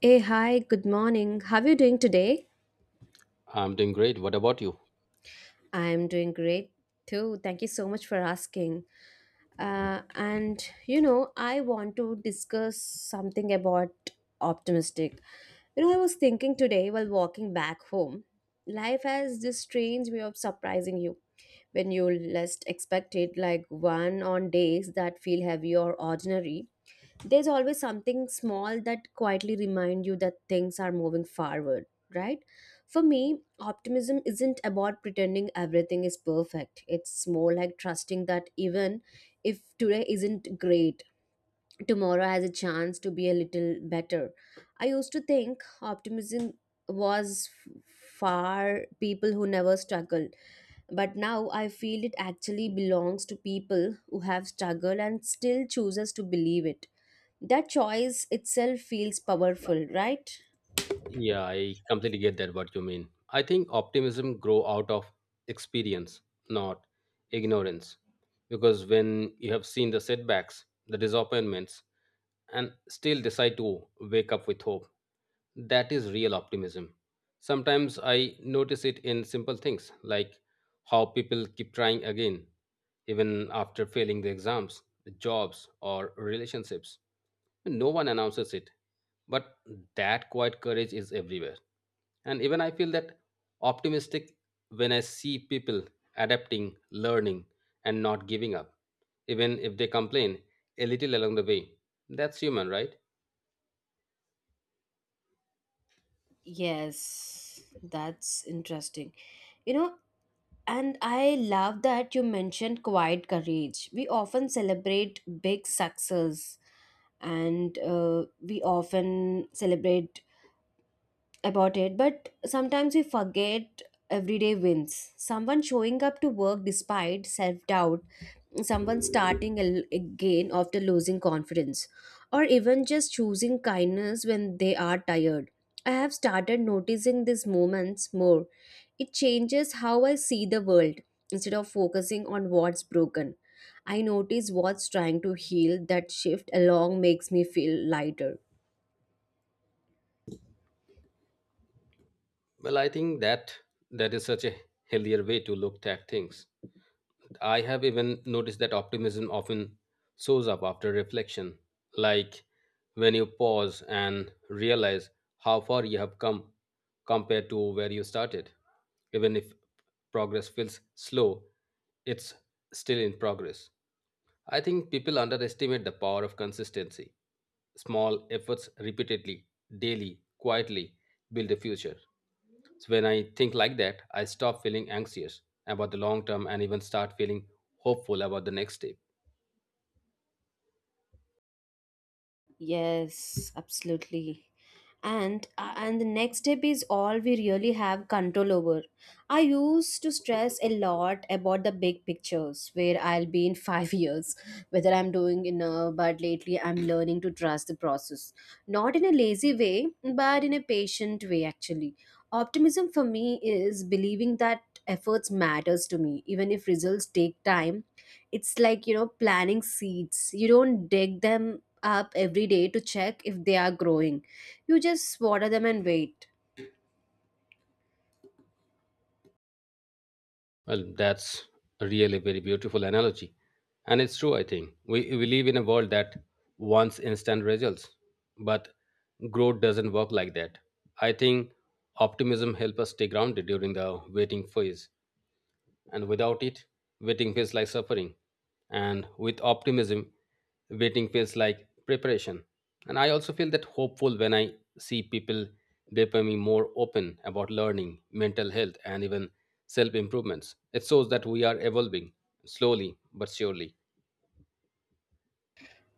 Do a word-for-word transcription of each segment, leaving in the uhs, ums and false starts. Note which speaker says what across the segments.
Speaker 1: Hey, hi, good morning. How are you doing today?
Speaker 2: I'm doing great. What about you?
Speaker 1: I'm doing great too. Thank you so much for asking. Uh, and you know, I want to discuss something about optimistic. You know, I was thinking today while walking back home, life has this strange way of surprising you when you least expect it, like one on days that feel heavy or ordinary, there's always something small that quietly remind you that things are moving forward, right? For me, optimism isn't about pretending everything is perfect. It's more like trusting that even if today isn't great, tomorrow has a chance to be a little better. I used to think optimism was f- for people who never struggle, but now I feel it actually belongs to people who have struggled and still chooses to believe it. That choice itself feels powerful, right?
Speaker 2: Yeah, I completely get that what you mean. I think optimism grow out of experience, not ignorance. Because when you have seen the setbacks, the disappointments, and still decide to wake up with hope, that is real optimism. Sometimes I notice it in simple things like how people keep trying again, even after failing the exams, jobs, or relationships. No one announces it, but that quiet courage is everywhere. And even I feel that optimistic when I see people adapting, learning, and not giving up, even if they complain a little along the way. That's human, right?
Speaker 1: Yes, that's interesting. You know, and I love that you mentioned quiet courage. We often celebrate big success, and uh, we often celebrate about it, but sometimes we forget everyday wins. Someone showing up to work despite self doubt, someone starting al- again after losing confidence, or even just choosing kindness when they are tired. I have started noticing these moments more. It changes how I see the world. Instead of focusing on what's broken, I notice what's trying to heal. That shift along makes me feel lighter.
Speaker 2: Well, I think that that is such a healthier way to look at things. I have even noticed that optimism often shows up after reflection, like when you pause and realize how far you have come compared to where you started. Even if progress feels slow, it's still in progress. I think people underestimate the power of consistency. Small efforts repeatedly, daily, quietly build a future. So when I think like that, I stop feeling anxious about the long term and even start feeling hopeful about the next step.
Speaker 1: Yes, absolutely. and uh, and the next step is all we really have control over. I used to stress a lot about the big pictures, where I'll be in five years, whether I'm doing enough. But lately I'm learning to trust the process, not in a lazy way, but in a patient way. Actually, optimism for me is believing that efforts matters to me, even if results take time. It's like, you know planting seeds. You don't dig them up every day to check if they are growing. You just water them and wait.
Speaker 2: Well, that's really a really very beautiful analogy. And it's true, I think. We, we live in a world that wants instant results, but growth doesn't work like that. I think optimism helps us stay grounded during the waiting phase and without it, waiting feels like suffering. And with optimism, waiting feels like preparation. And I also feel that hopeful when I see people becoming more open about learning, mental health, and even self improvements. It shows that we are evolving slowly but surely.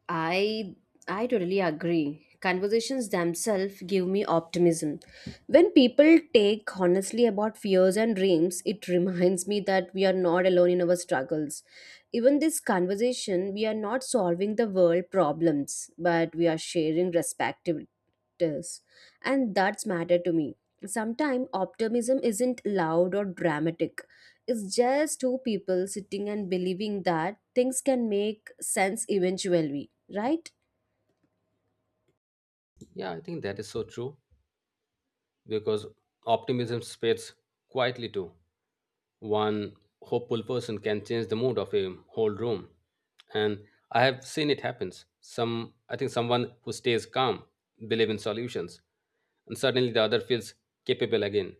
Speaker 1: I i totally agree. Conversations themselves give me optimism. When people take honestly about fears and dreams, it reminds me that we are not alone in our struggles. Even this conversation, we are not solving the world problems, but we are sharing respective practice, and that's matter to me. Sometimes optimism isn't loud or dramatic. It's just two people sitting and believing that things can make sense eventually, right?
Speaker 2: Yeah, I think that is so true because optimism spreads quietly too. One hopeful person can change the mood of a whole room. And I have seen it happens. Some I think someone who stays calm, believe in solutions, and suddenly the other feels capable again.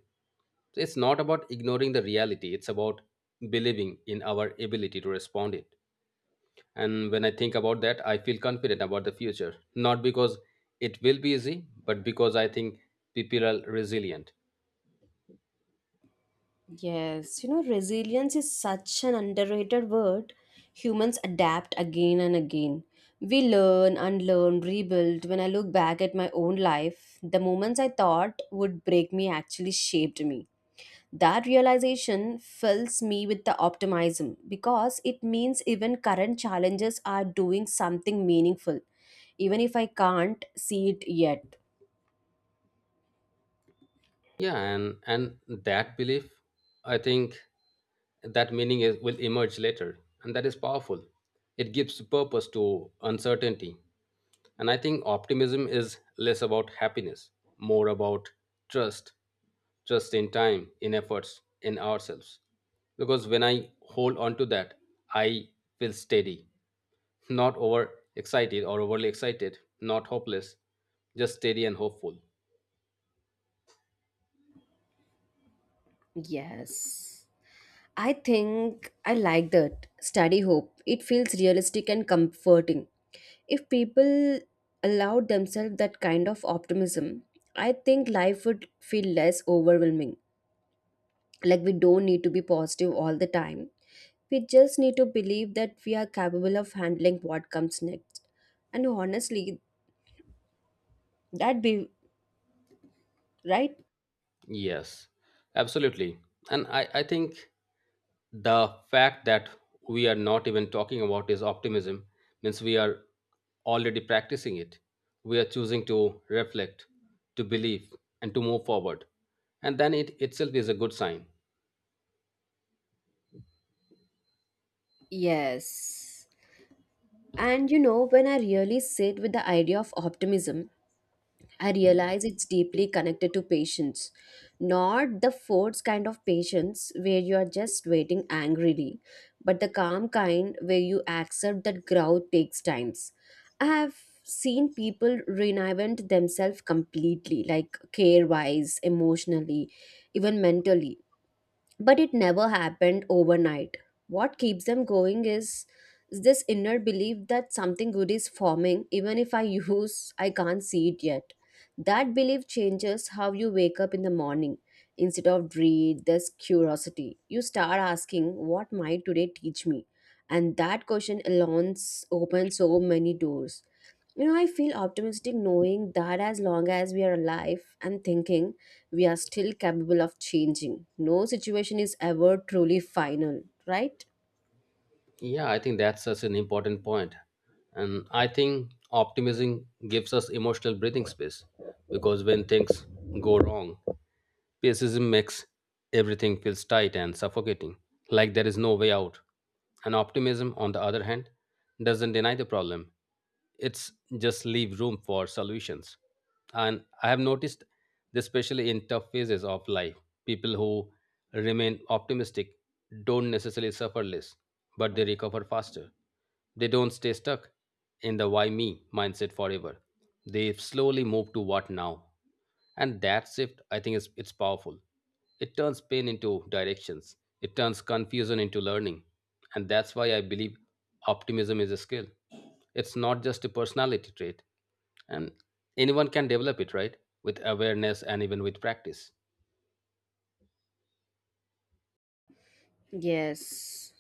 Speaker 2: So it's not about ignoring the reality, it's about believing in our ability to respond it. And when I think about that, I feel confident about the future. Not because it will be easy, but because I think people are resilient.
Speaker 1: Yes, you know, resilience is such an underrated word. Humans adapt again and again. We learn, unlearn, rebuild. When I look back at my own life, the moments I thought would break me actually shaped me. That realization fills me with the optimism because it means even current challenges are doing something meaningful, even if I can't see it yet.
Speaker 2: Yeah, and and that belief, I think, that meaning is, will emerge later, and that is powerful. It gives purpose to uncertainty, and I think optimism is less about happiness, more about trust. Trust in time, in efforts, in ourselves. Because when I hold on to that, I feel steady. Not over excited or overly excited, not hopeless, just steady and hopeful.
Speaker 1: Yes. I think I like that. Study hope. It feels realistic and comforting. If people allowed themselves that kind of optimism, I think life would feel less overwhelming. Like, we don't need to be positive all the time. We just need to believe that we are capable of handling what comes next, and honestly, that be, right?
Speaker 2: Yes, absolutely. And i i think the fact that we are not even talking about is optimism means we are already practicing it. We are choosing to reflect, to believe, and to move forward. And then it itself is a good sign.
Speaker 1: Yes, and you know when I really sit with the idea of optimism, I realize it's deeply connected to patience, not the forced kind of patience where you are just waiting angrily, but the calm kind where you accept that growth takes times. I have seen people reinvent themselves completely, like care wise, emotionally, even mentally, but it never happened overnight. What keeps them going is this inner belief that something good is forming, even if I use, I can't see it yet. That belief changes how you wake up in the morning. Instead of dread, there's curiosity. You start asking, what might today teach me? And that question alone s- opens so many doors. You know, I feel optimistic knowing that as long as we are alive and thinking, we are still capable of changing. No situation is ever truly final, right?
Speaker 2: Yeah, I think that's such an important point. And I think optimism gives us emotional breathing space, because when things go wrong, pessimism makes everything feels tight and suffocating, like there is no way out. And optimism, on the other hand, doesn't deny the problem. It's just leave room for solutions. And I have noticed, this especially in tough phases of life, people who remain optimistic don't necessarily suffer less, but they recover faster. They don't stay stuck in the why me mindset forever. They slowly move to what now. And that shift, I think, is it's powerful. It turns pain into directions. It turns confusion into learning. And that's why I believe optimism is a skill. It's not just a personality trait. And anyone can develop it, right? With awareness and even with practice.
Speaker 1: Yes.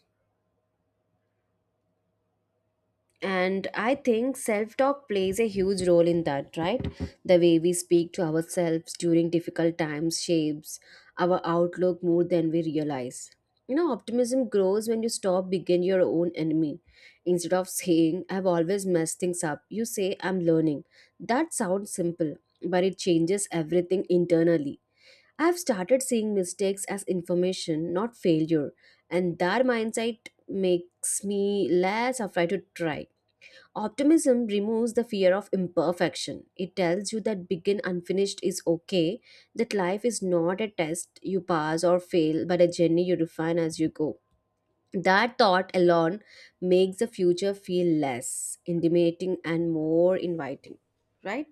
Speaker 1: And I think self talk plays a huge role in that, right? The way we speak to ourselves during difficult times shapes our outlook more than we realize. You know, optimism grows when you stop being your own enemy. Instead of saying, I've always messed things up, you say, I'm learning. That sounds simple, but it changes everything internally. I've started seeing mistakes as information, not failure, and that mindset makes me less afraid to try. Optimism removes the fear of imperfection. It tells you that begin unfinished is okay, that life is not a test you pass or fail, but a journey you refine as you go. That thought alone makes the future feel less intimidating and more inviting, right?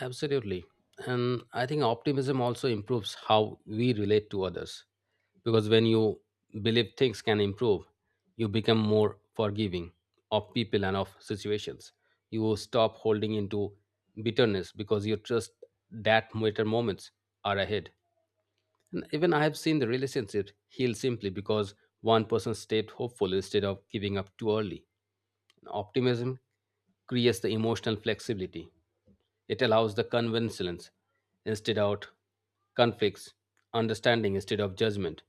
Speaker 2: Absolutely. And I think optimism also improves how we relate to others, because when you believe things can improve, you become more forgiving, of people and of situations. You stop holding into bitterness because you trust that better moments are ahead. And even I have seen the relationship heal simply because one person stayed hopeful instead of giving up too early. Optimism creates the emotional flexibility. It allows the convincence instead of conflicts, understanding instead of judgment.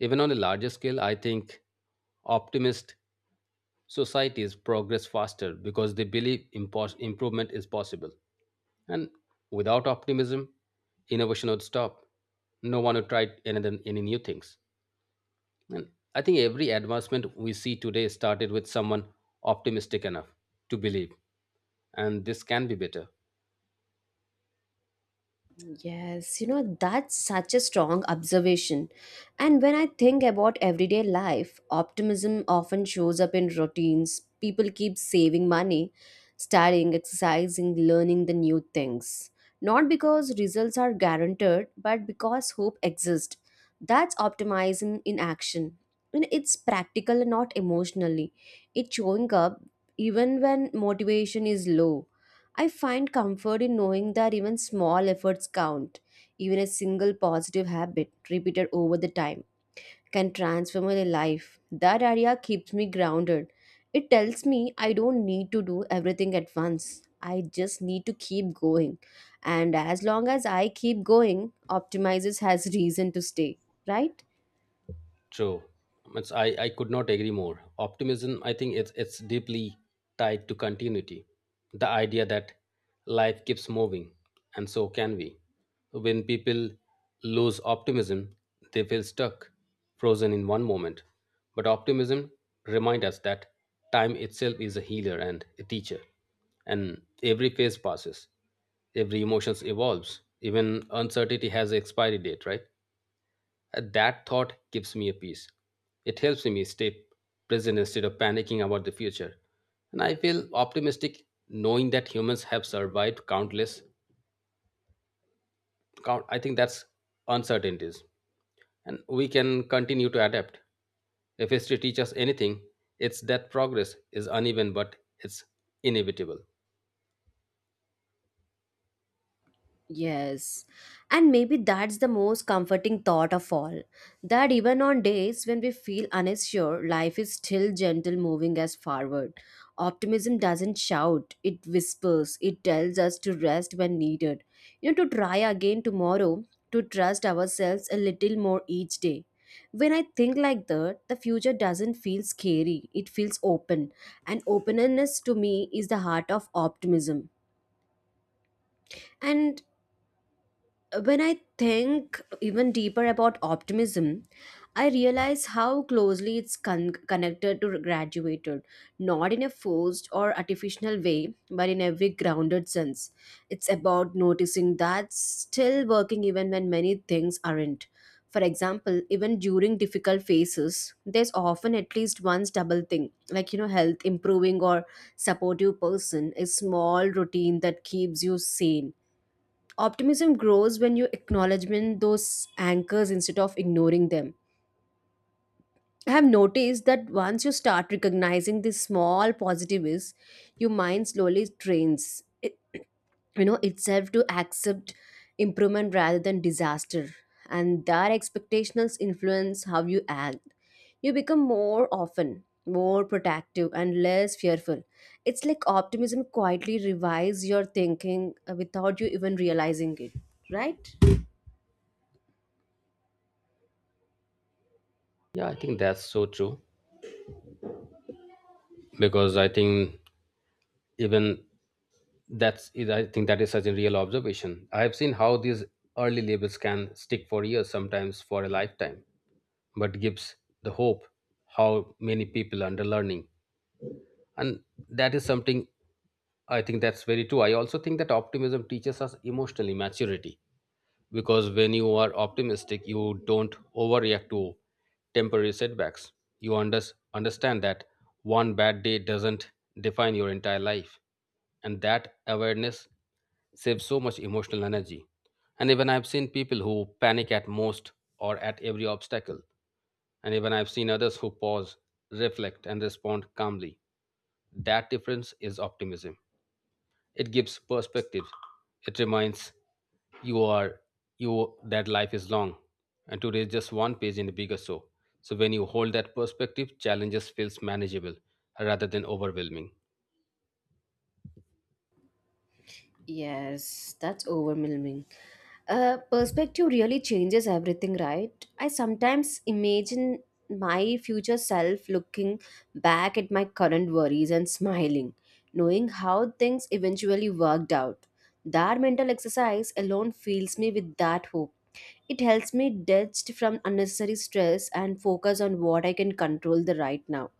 Speaker 2: Even on a larger scale, I think optimist societies progress faster because they believe impos- improvement is possible. And without optimism, innovation would stop. No one would try anything, any new things. And I think every advancement we see today started with someone optimistic enough to believe and this can be better.
Speaker 1: Yes, you know, that's such a strong observation. And when I think about everyday life, optimism often shows up in routines. People keep saving money, studying, exercising, learning the new things. Not because results are guaranteed, but because hope exists. That's optimism in action. And it's practical and not emotionally. It's showing up even when motivation is low. I find comfort in knowing that even small efforts count. Even a single positive habit repeated over the time can transform my life. That idea keeps me grounded. It tells me I don't need to do everything at once. I just need to keep going. And as long as I keep going, Optimizes has reason to stay, right?
Speaker 2: True. It's, I, I could not agree more. Optimism, I think it's, it's deeply tied to continuity, the idea that life keeps moving and so can we. When people lose optimism, they feel stuck, frozen in one moment. But optimism reminds us that time itself is a healer and a teacher, and every phase passes, every emotions evolves, even uncertainty has an expiry date, right? Uh, That thought gives me a peace. It helps me stay present instead of panicking about the future. And I feel optimistic knowing that humans have survived countless count I think that's uncertainties. And we can continue to adapt. If history teaches us anything, it's that progress is uneven but it's inevitable.
Speaker 1: Yes. And maybe that's the most comforting thought of all. That even on days when we feel unsure, life is still gentle moving us forward. Optimism doesn't shout, it whispers, it tells us to rest when needed. You know, to try again tomorrow, to trust ourselves a little more each day. When I think like that, the future doesn't feel scary, it feels open. And openness to me is the heart of optimism. And when I think even deeper about optimism, I realize how closely it's con- connected to graduated, not in a forced or artificial way, but in a very grounded sense. It's about noticing that still working even when many things aren't. For example, even during difficult phases, there's often at least one stable thing, like, you know, health improving or supportive person, a small routine that keeps you sane. Optimism grows when you acknowledge those anchors instead of ignoring them. I have noticed that once you start recognizing these small positives, your mind slowly trains it, you know itself to accept improvement rather than disaster. And that expectations influence how you act. You become more often, more protective and less fearful. It's like optimism quietly revives your thinking uh, without you even realizing it, right?
Speaker 2: Yeah, I think that's so true because I think even that's is- I think that is such a real observation. I have seen how these early labels can stick for years, sometimes for a lifetime, but gives the hope how many people under learning. And that is something I think that's very true. I also think that optimism teaches us emotional maturity, because when you are optimistic you don't overreact to temporary setbacks. You under- understand that one bad day doesn't define your entire life, and that awareness saves so much emotional energy. And even I've seen people who panic at most or at every obstacle, and even I've seen others who pause, reflect and respond calmly. That difference is optimism. It gives perspective. It reminds you are you that life is long and today is just one page in a bigger show. So when you hold that perspective, challenges feels manageable rather than overwhelming.
Speaker 1: Yes, that's overwhelming. Uh, perspective really changes everything, right? I sometimes imagine my future self looking back at my current worries and smiling, knowing how things eventually worked out. That mental exercise alone fills me with that hope. It helps me detach from unnecessary stress and focus on what I can control, the right now.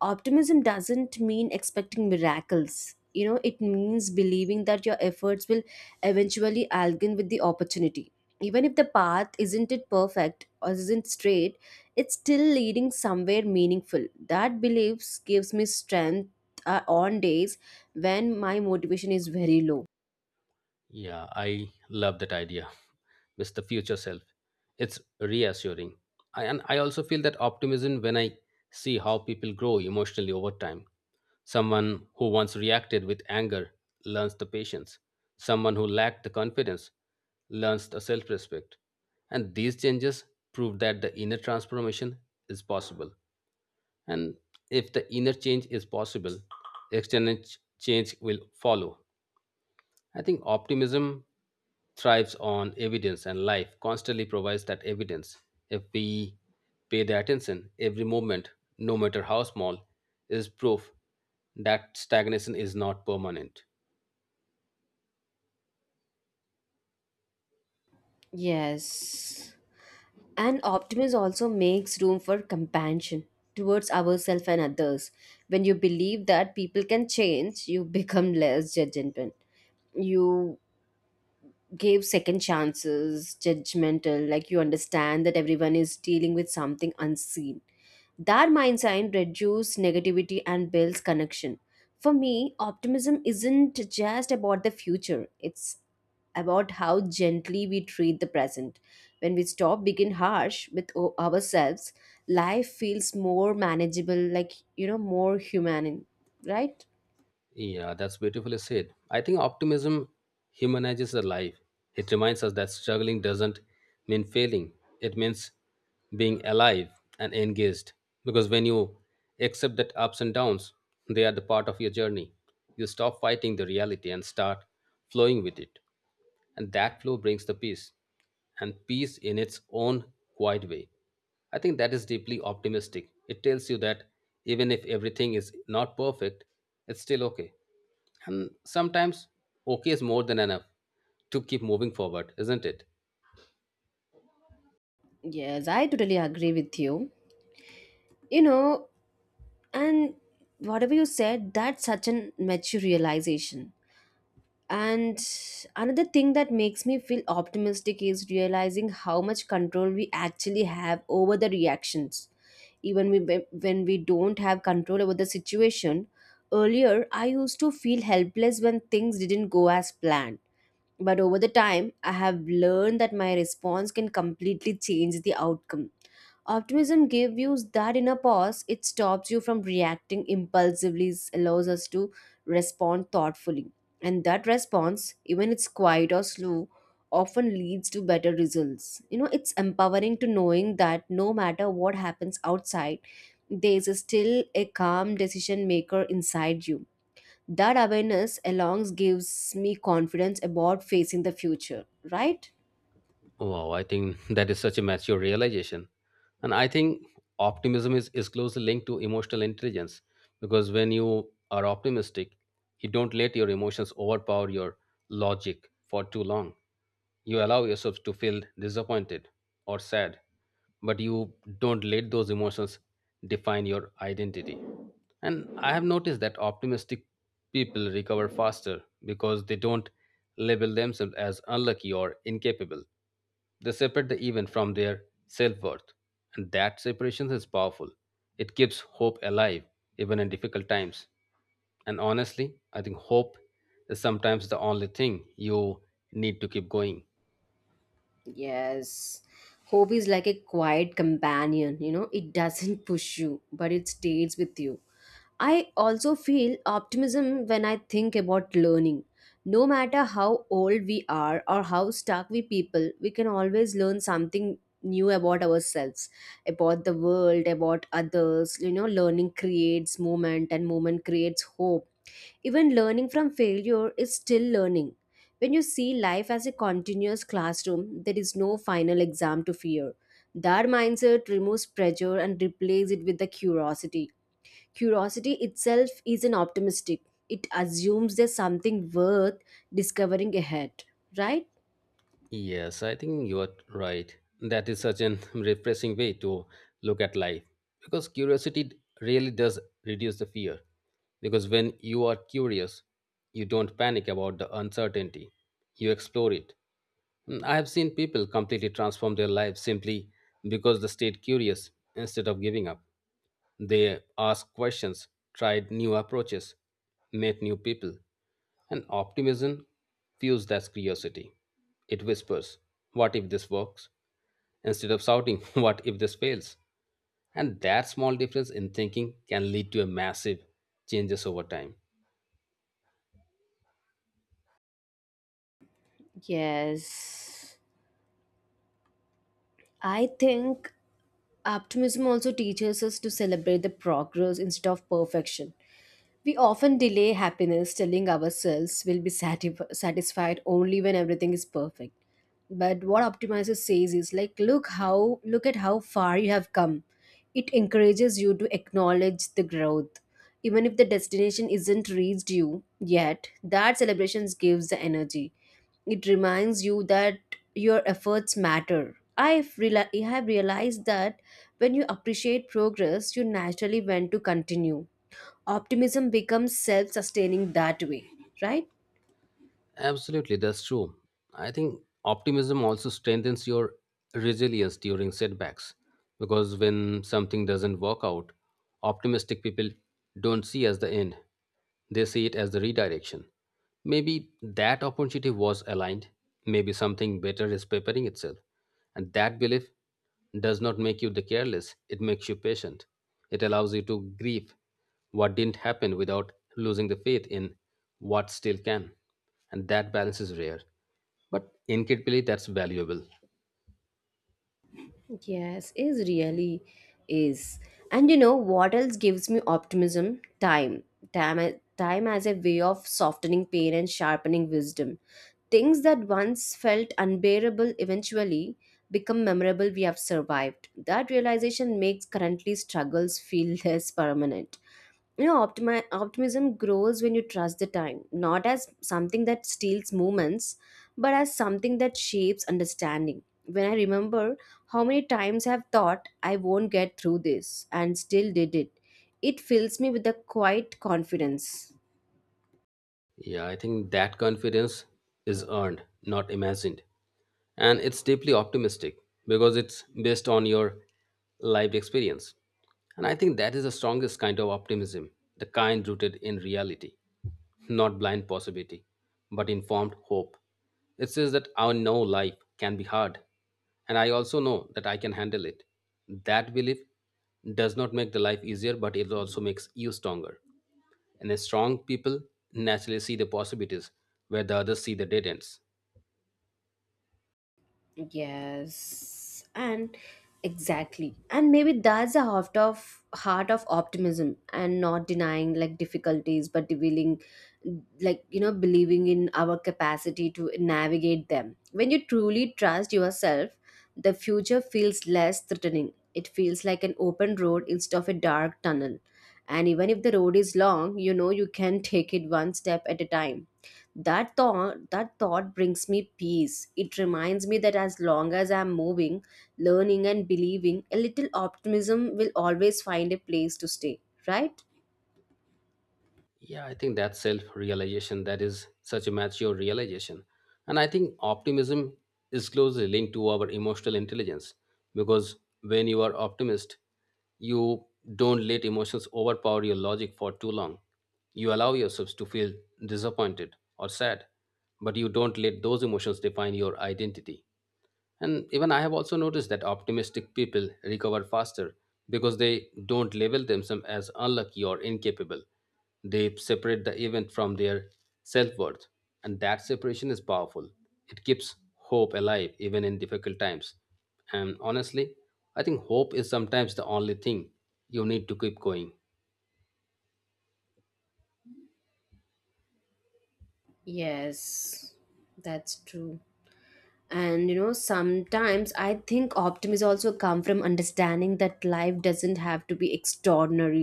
Speaker 1: Optimism doesn't mean expecting miracles. You know it means believing that your efforts will eventually align with the opportunity, even if the path isn't it perfect or isn't straight. It's still leading somewhere meaningful. That belief gives me strength uh, on days when my motivation is very low.
Speaker 2: Yeah, I love that idea. With the future self. It's reassuring. I, and I also feel that optimism when I see how people grow emotionally over time. Someone who once reacted with anger learns the patience. Someone who lacked the confidence learns the self respect. And these changes prove that the inner transformation is possible. And if the inner change is possible, external ch- change will follow. I think optimism thrives on evidence, and life constantly provides that evidence. If we pay the attention, every moment, no matter how small, is proof that stagnation is not permanent.
Speaker 1: Yes. And optimism also makes room for compassion towards ourselves and others. When you believe that people can change, you become less judgmental. You give second chances, judgmental, like you understand that everyone is dealing with something unseen. That mindset reduces negativity and builds connection. For me, optimism isn't just about the future, it's about how gently we treat the present. When we stop being harsh with o- ourselves, life feels more manageable, like, you know, more human, right?
Speaker 2: Yeah, that's beautifully said. I think optimism humanizes the life. It reminds us that struggling doesn't mean failing, it means being alive and engaged. Because when you accept that ups and downs, they are the part of your journey, you stop fighting the reality and start flowing with it. And that flow brings the peace, and peace in its own quiet way. I think that is deeply optimistic. It tells you that even if everything is not perfect, it's still okay, and sometimes okay is more than enough to keep moving forward, isn't it?
Speaker 1: Yes, I totally agree with you. You know, and whatever you said, that's such an mature realization. And another thing that makes me feel optimistic is realizing how much control we actually have over the reactions. Even we, when we don't have control over the situation, earlier I used to feel helpless when things didn't go as planned. But over the time, I have learned that my response can completely change the outcome. Optimism gives you that inner pause. It stops you from reacting impulsively, s- allows us to respond thoughtfully. And that response, even it's quiet or slow, often leads to better results. You know, it's empowering to knowing that no matter what happens outside, there is still a calm decision maker inside you. That awareness alone gives me confidence about facing the future, right?
Speaker 2: Wow, I think that is such a mature realization. And I think optimism is, is closely linked to emotional intelligence, because when you are optimistic, you don't let your emotions overpower your logic for too long. You allow yourself to feel disappointed or sad, but you don't let those emotions define your identity. And I have noticed that optimistic people recover faster because they don't label themselves as unlucky or incapable. They separate the event from their self worth, and that separation is powerful. It keeps hope alive even in difficult times. And honestly, I think hope is sometimes the only thing you need to keep going.
Speaker 1: Yes. Hope is like a quiet companion. You know, it doesn't push you, but it stays with you. I also feel optimism when I think about learning. No matter how old we are or how stuck we people, we can always learn something new about ourselves, about the world, about others. You know, learning creates moment and moment creates hope. Even learning from failure is still learning. When you see life as a continuous classroom, there is no final exam to fear. That mindset removes pressure and replaces it with the curiosity. Curiosity itself is an optimistic. It assumes there's something worth discovering ahead, right?
Speaker 2: Yes, I think you are right. That is such an refreshing way to look at life because curiosity really does reduce the fear. Because when you are curious, you don't panic about the uncertainty, you explore it. Mm, I have seen people completely transform their lives simply because they stayed curious instead of giving up. They asked questions, tried new approaches, met new people. And optimism fuels that curiosity. It whispers, what if this works? Instead of shouting, what if this fails? And that small difference in thinking can lead to a massive changes over time.
Speaker 1: Yes. I think optimism also teaches us to celebrate the progress instead of perfection. We often delay happiness, telling ourselves we'll be satif- satisfied only when everything is perfect. But what Optimizer says is like, look how look at how far you have come. It encourages you to acknowledge the growth. Even if the destination isn't reached you yet, that celebration gives the energy. It reminds you that your efforts matter. I've reali- I have realized that when you appreciate progress, you naturally want to continue. Optimism becomes self sustaining that way, right?
Speaker 2: Absolutely, that's true. I think optimism also strengthens your resilience during setbacks, because when something doesn't work out, optimistic people don't see as the end. They see it as the redirection. Maybe that opportunity was aligned, maybe something better is preparing itself. And that belief does not make you the careless, it makes you patient. It allows you to grieve what didn't happen without losing the faith in what still can. And that balance is rare but incredibly that's valuable.
Speaker 1: Yes, is really is. And you know what else gives me optimism? Time. Time a- time as a way of softening pain and sharpening wisdom. Things that once felt unbearable eventually become memorable we have survived. That realization makes currently struggles feel less permanent. You know, optimi- optimism grows when you trust the time not as something that steals moments but as something that shapes understanding. When I remember how many times I have thought I won't get through this and still did it, it fills me with a quiet confidence.
Speaker 2: Yeah, I think that confidence is earned not imagined, and it's deeply optimistic because it's based on your lived experience. And I think that is the strongest kind of optimism, the kind rooted in reality, not blind possibility, but informed hope. It says that I know life can be hard, and I also know that I can handle it. That belief does not make the life easier, but it also makes you stronger. And as strong people naturally see the possibilities where the others see the dead ends.
Speaker 1: Yes, and exactly, and maybe that's the heart of heart of optimism, and not denying like difficulties, but willing, like you know, believing in our capacity to navigate them. When you truly trust yourself, the future feels less threatening. It feels like an open road instead of a dark tunnel, and even if the road is long, you know you can take it one step at a time. That thought that thought brings me peace. It reminds me that as long as I'm moving, learning and believing, a little optimism will always find a place to stay, right?
Speaker 2: Yeah, I think that self realization that is such a mature realization. And I think optimism is closely linked to our emotional intelligence, because when you are optimist, you don't let emotions overpower your logic for too long. You allow yourselves to feel disappointed or sad, but you don't let those emotions define your identity. And even I have also noticed that optimistic people recover faster because they don't label themselves as unlucky or incapable. They separate the event from their self worth, and that separation is powerful. It keeps hope alive even in difficult times. And honestly, I think hope is sometimes the only thing you need to keep going.
Speaker 1: Yes, that's true. And you know, sometimes I think optimism also come from understanding that life doesn't have to be extraordinary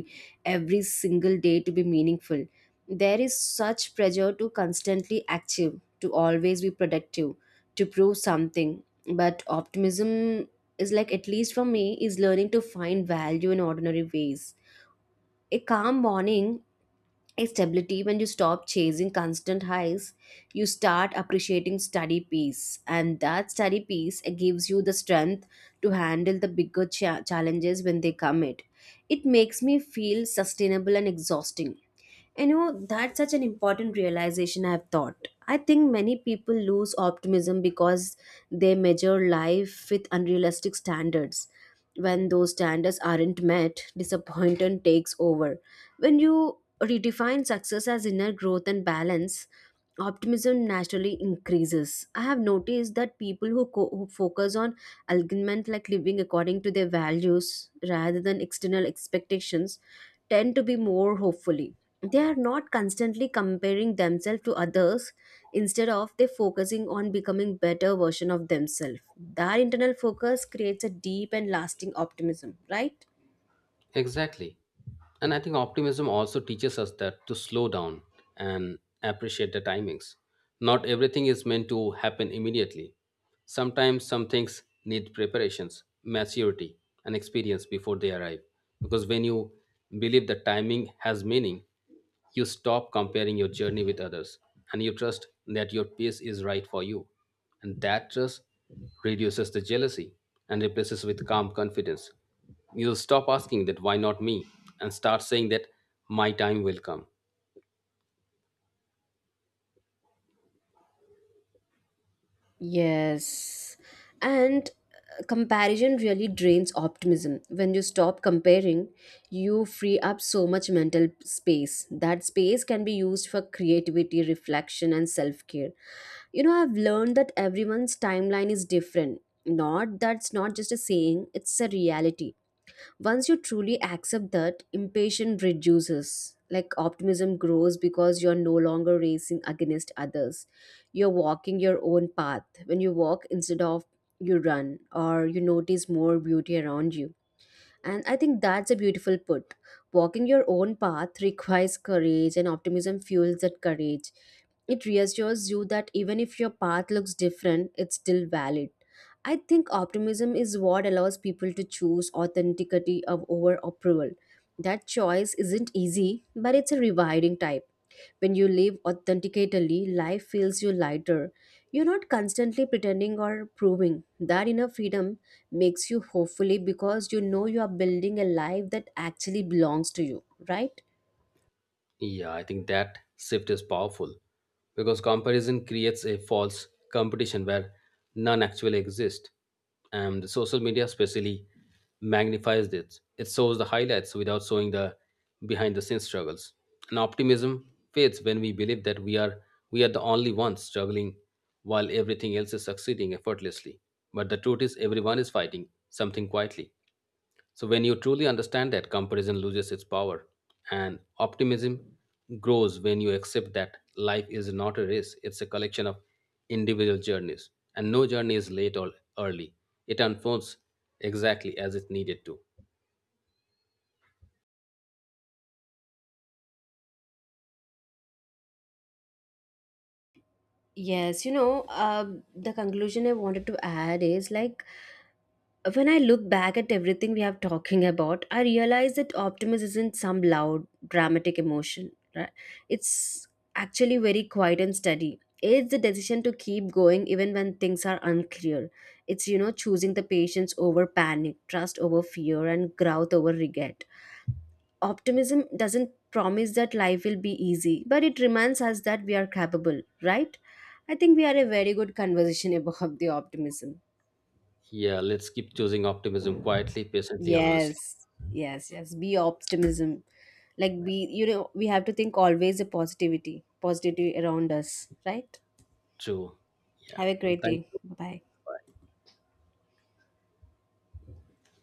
Speaker 1: every single day to be meaningful. There is such pressure to constantly achieve, to always be productive, to prove something, but optimism is like, at least for me, is learning to find value in ordinary ways, a calm morning stability. When you stop chasing constant highs, you start appreciating steady peace, and that steady peace uh, gives you the strength to handle the bigger cha- challenges when they come. It it makes me feel sustainable and exhausting. And you know that's such an important realization I've thought. I think many people lose optimism because they measure life with unrealistic standards. When those standards aren't met, disappointment takes over. When you redefine success as inner growth and balance, optimism naturally increases. I have noticed that people who, co- who focus on alignment, like living according to their values rather than external expectations, tend to be more hopefully. They are not constantly comparing themselves to others. Instead of they focusing on becoming better version of themselves. That internal focus creates a deep and lasting optimism, right?
Speaker 2: Exactly. And I think optimism also teaches us that to slow down and appreciate the timings. Not everything is meant to happen immediately. Sometimes some things need preparations, maturity, and experience before they arrive. Because when you believe that timing has meaning, you stop comparing your journey with others and you trust that your pace is right for you. And that trust reduces the jealousy and replaces with calm confidence. You'll stop asking that why not me and start saying that my time will come.
Speaker 1: Yes. And uh, comparison really drains optimism. When you stop comparing, you free up so much mental space. That space can be used for creativity, reflection, and self care. You know, I've learned that everyone's timeline is different. Not that's not just a saying, it's a reality. Once you truly accept that impatience reduces, like optimism grows because you're no longer racing against others, you're walking your own path. When you walk instead of you run, or you notice more beauty around you, and I think that's a beautiful put. Walking your own path requires courage, and optimism fuels that courage. It reassures you that even if your path looks different, it's still valid. I think optimism is what allows people to choose authenticity of over approval. That choice isn't easy, but it's a rewarding type. When you live authentically, life feels you lighter. You're not constantly pretending or proving. That inner freedom makes you hopefully because you know you are building a life that actually belongs to you, right?
Speaker 2: Yeah, I think that shift is powerful because comparison creates a false competition where none actually exist. And the social media especially magnifies this. It shows the highlights without showing the behind the scenes struggles. And optimism fades when we believe that we are we are the only ones struggling while everything else is succeeding effortlessly. But the truth is everyone is fighting something quietly. So, when you truly understand that, comparison loses its power and optimism grows when you accept that life is not a race, it's a collection of individual journeys. And no journey is late or early, it unfolds exactly as it needed to.
Speaker 1: Yes, you know, uh, the conclusion I wanted to add is like, when I look back at everything we have talking about, I realize that optimism isn't some loud, dramatic emotion. Right? It's actually very quiet and steady. It's the decision to keep going even when things are unclear. It's, you know, choosing the patience over panic, trust over fear, and growth over regret. Optimism doesn't promise that life will be easy, but it reminds us that we are capable. Right? I think we had a very good conversation about the optimism.
Speaker 2: Yeah, let's keep choosing optimism quietly, patiently, and honestly.
Speaker 1: Yes, yes, yes. Be optimism. Like
Speaker 2: Yeah,
Speaker 1: be, you know, we have to think always a positivity, positivity around us, right?
Speaker 2: true. Yeah.
Speaker 1: Have a
Speaker 2: Well,
Speaker 1: great
Speaker 2: thank
Speaker 1: day. Bye
Speaker 2: you.
Speaker 1: bye.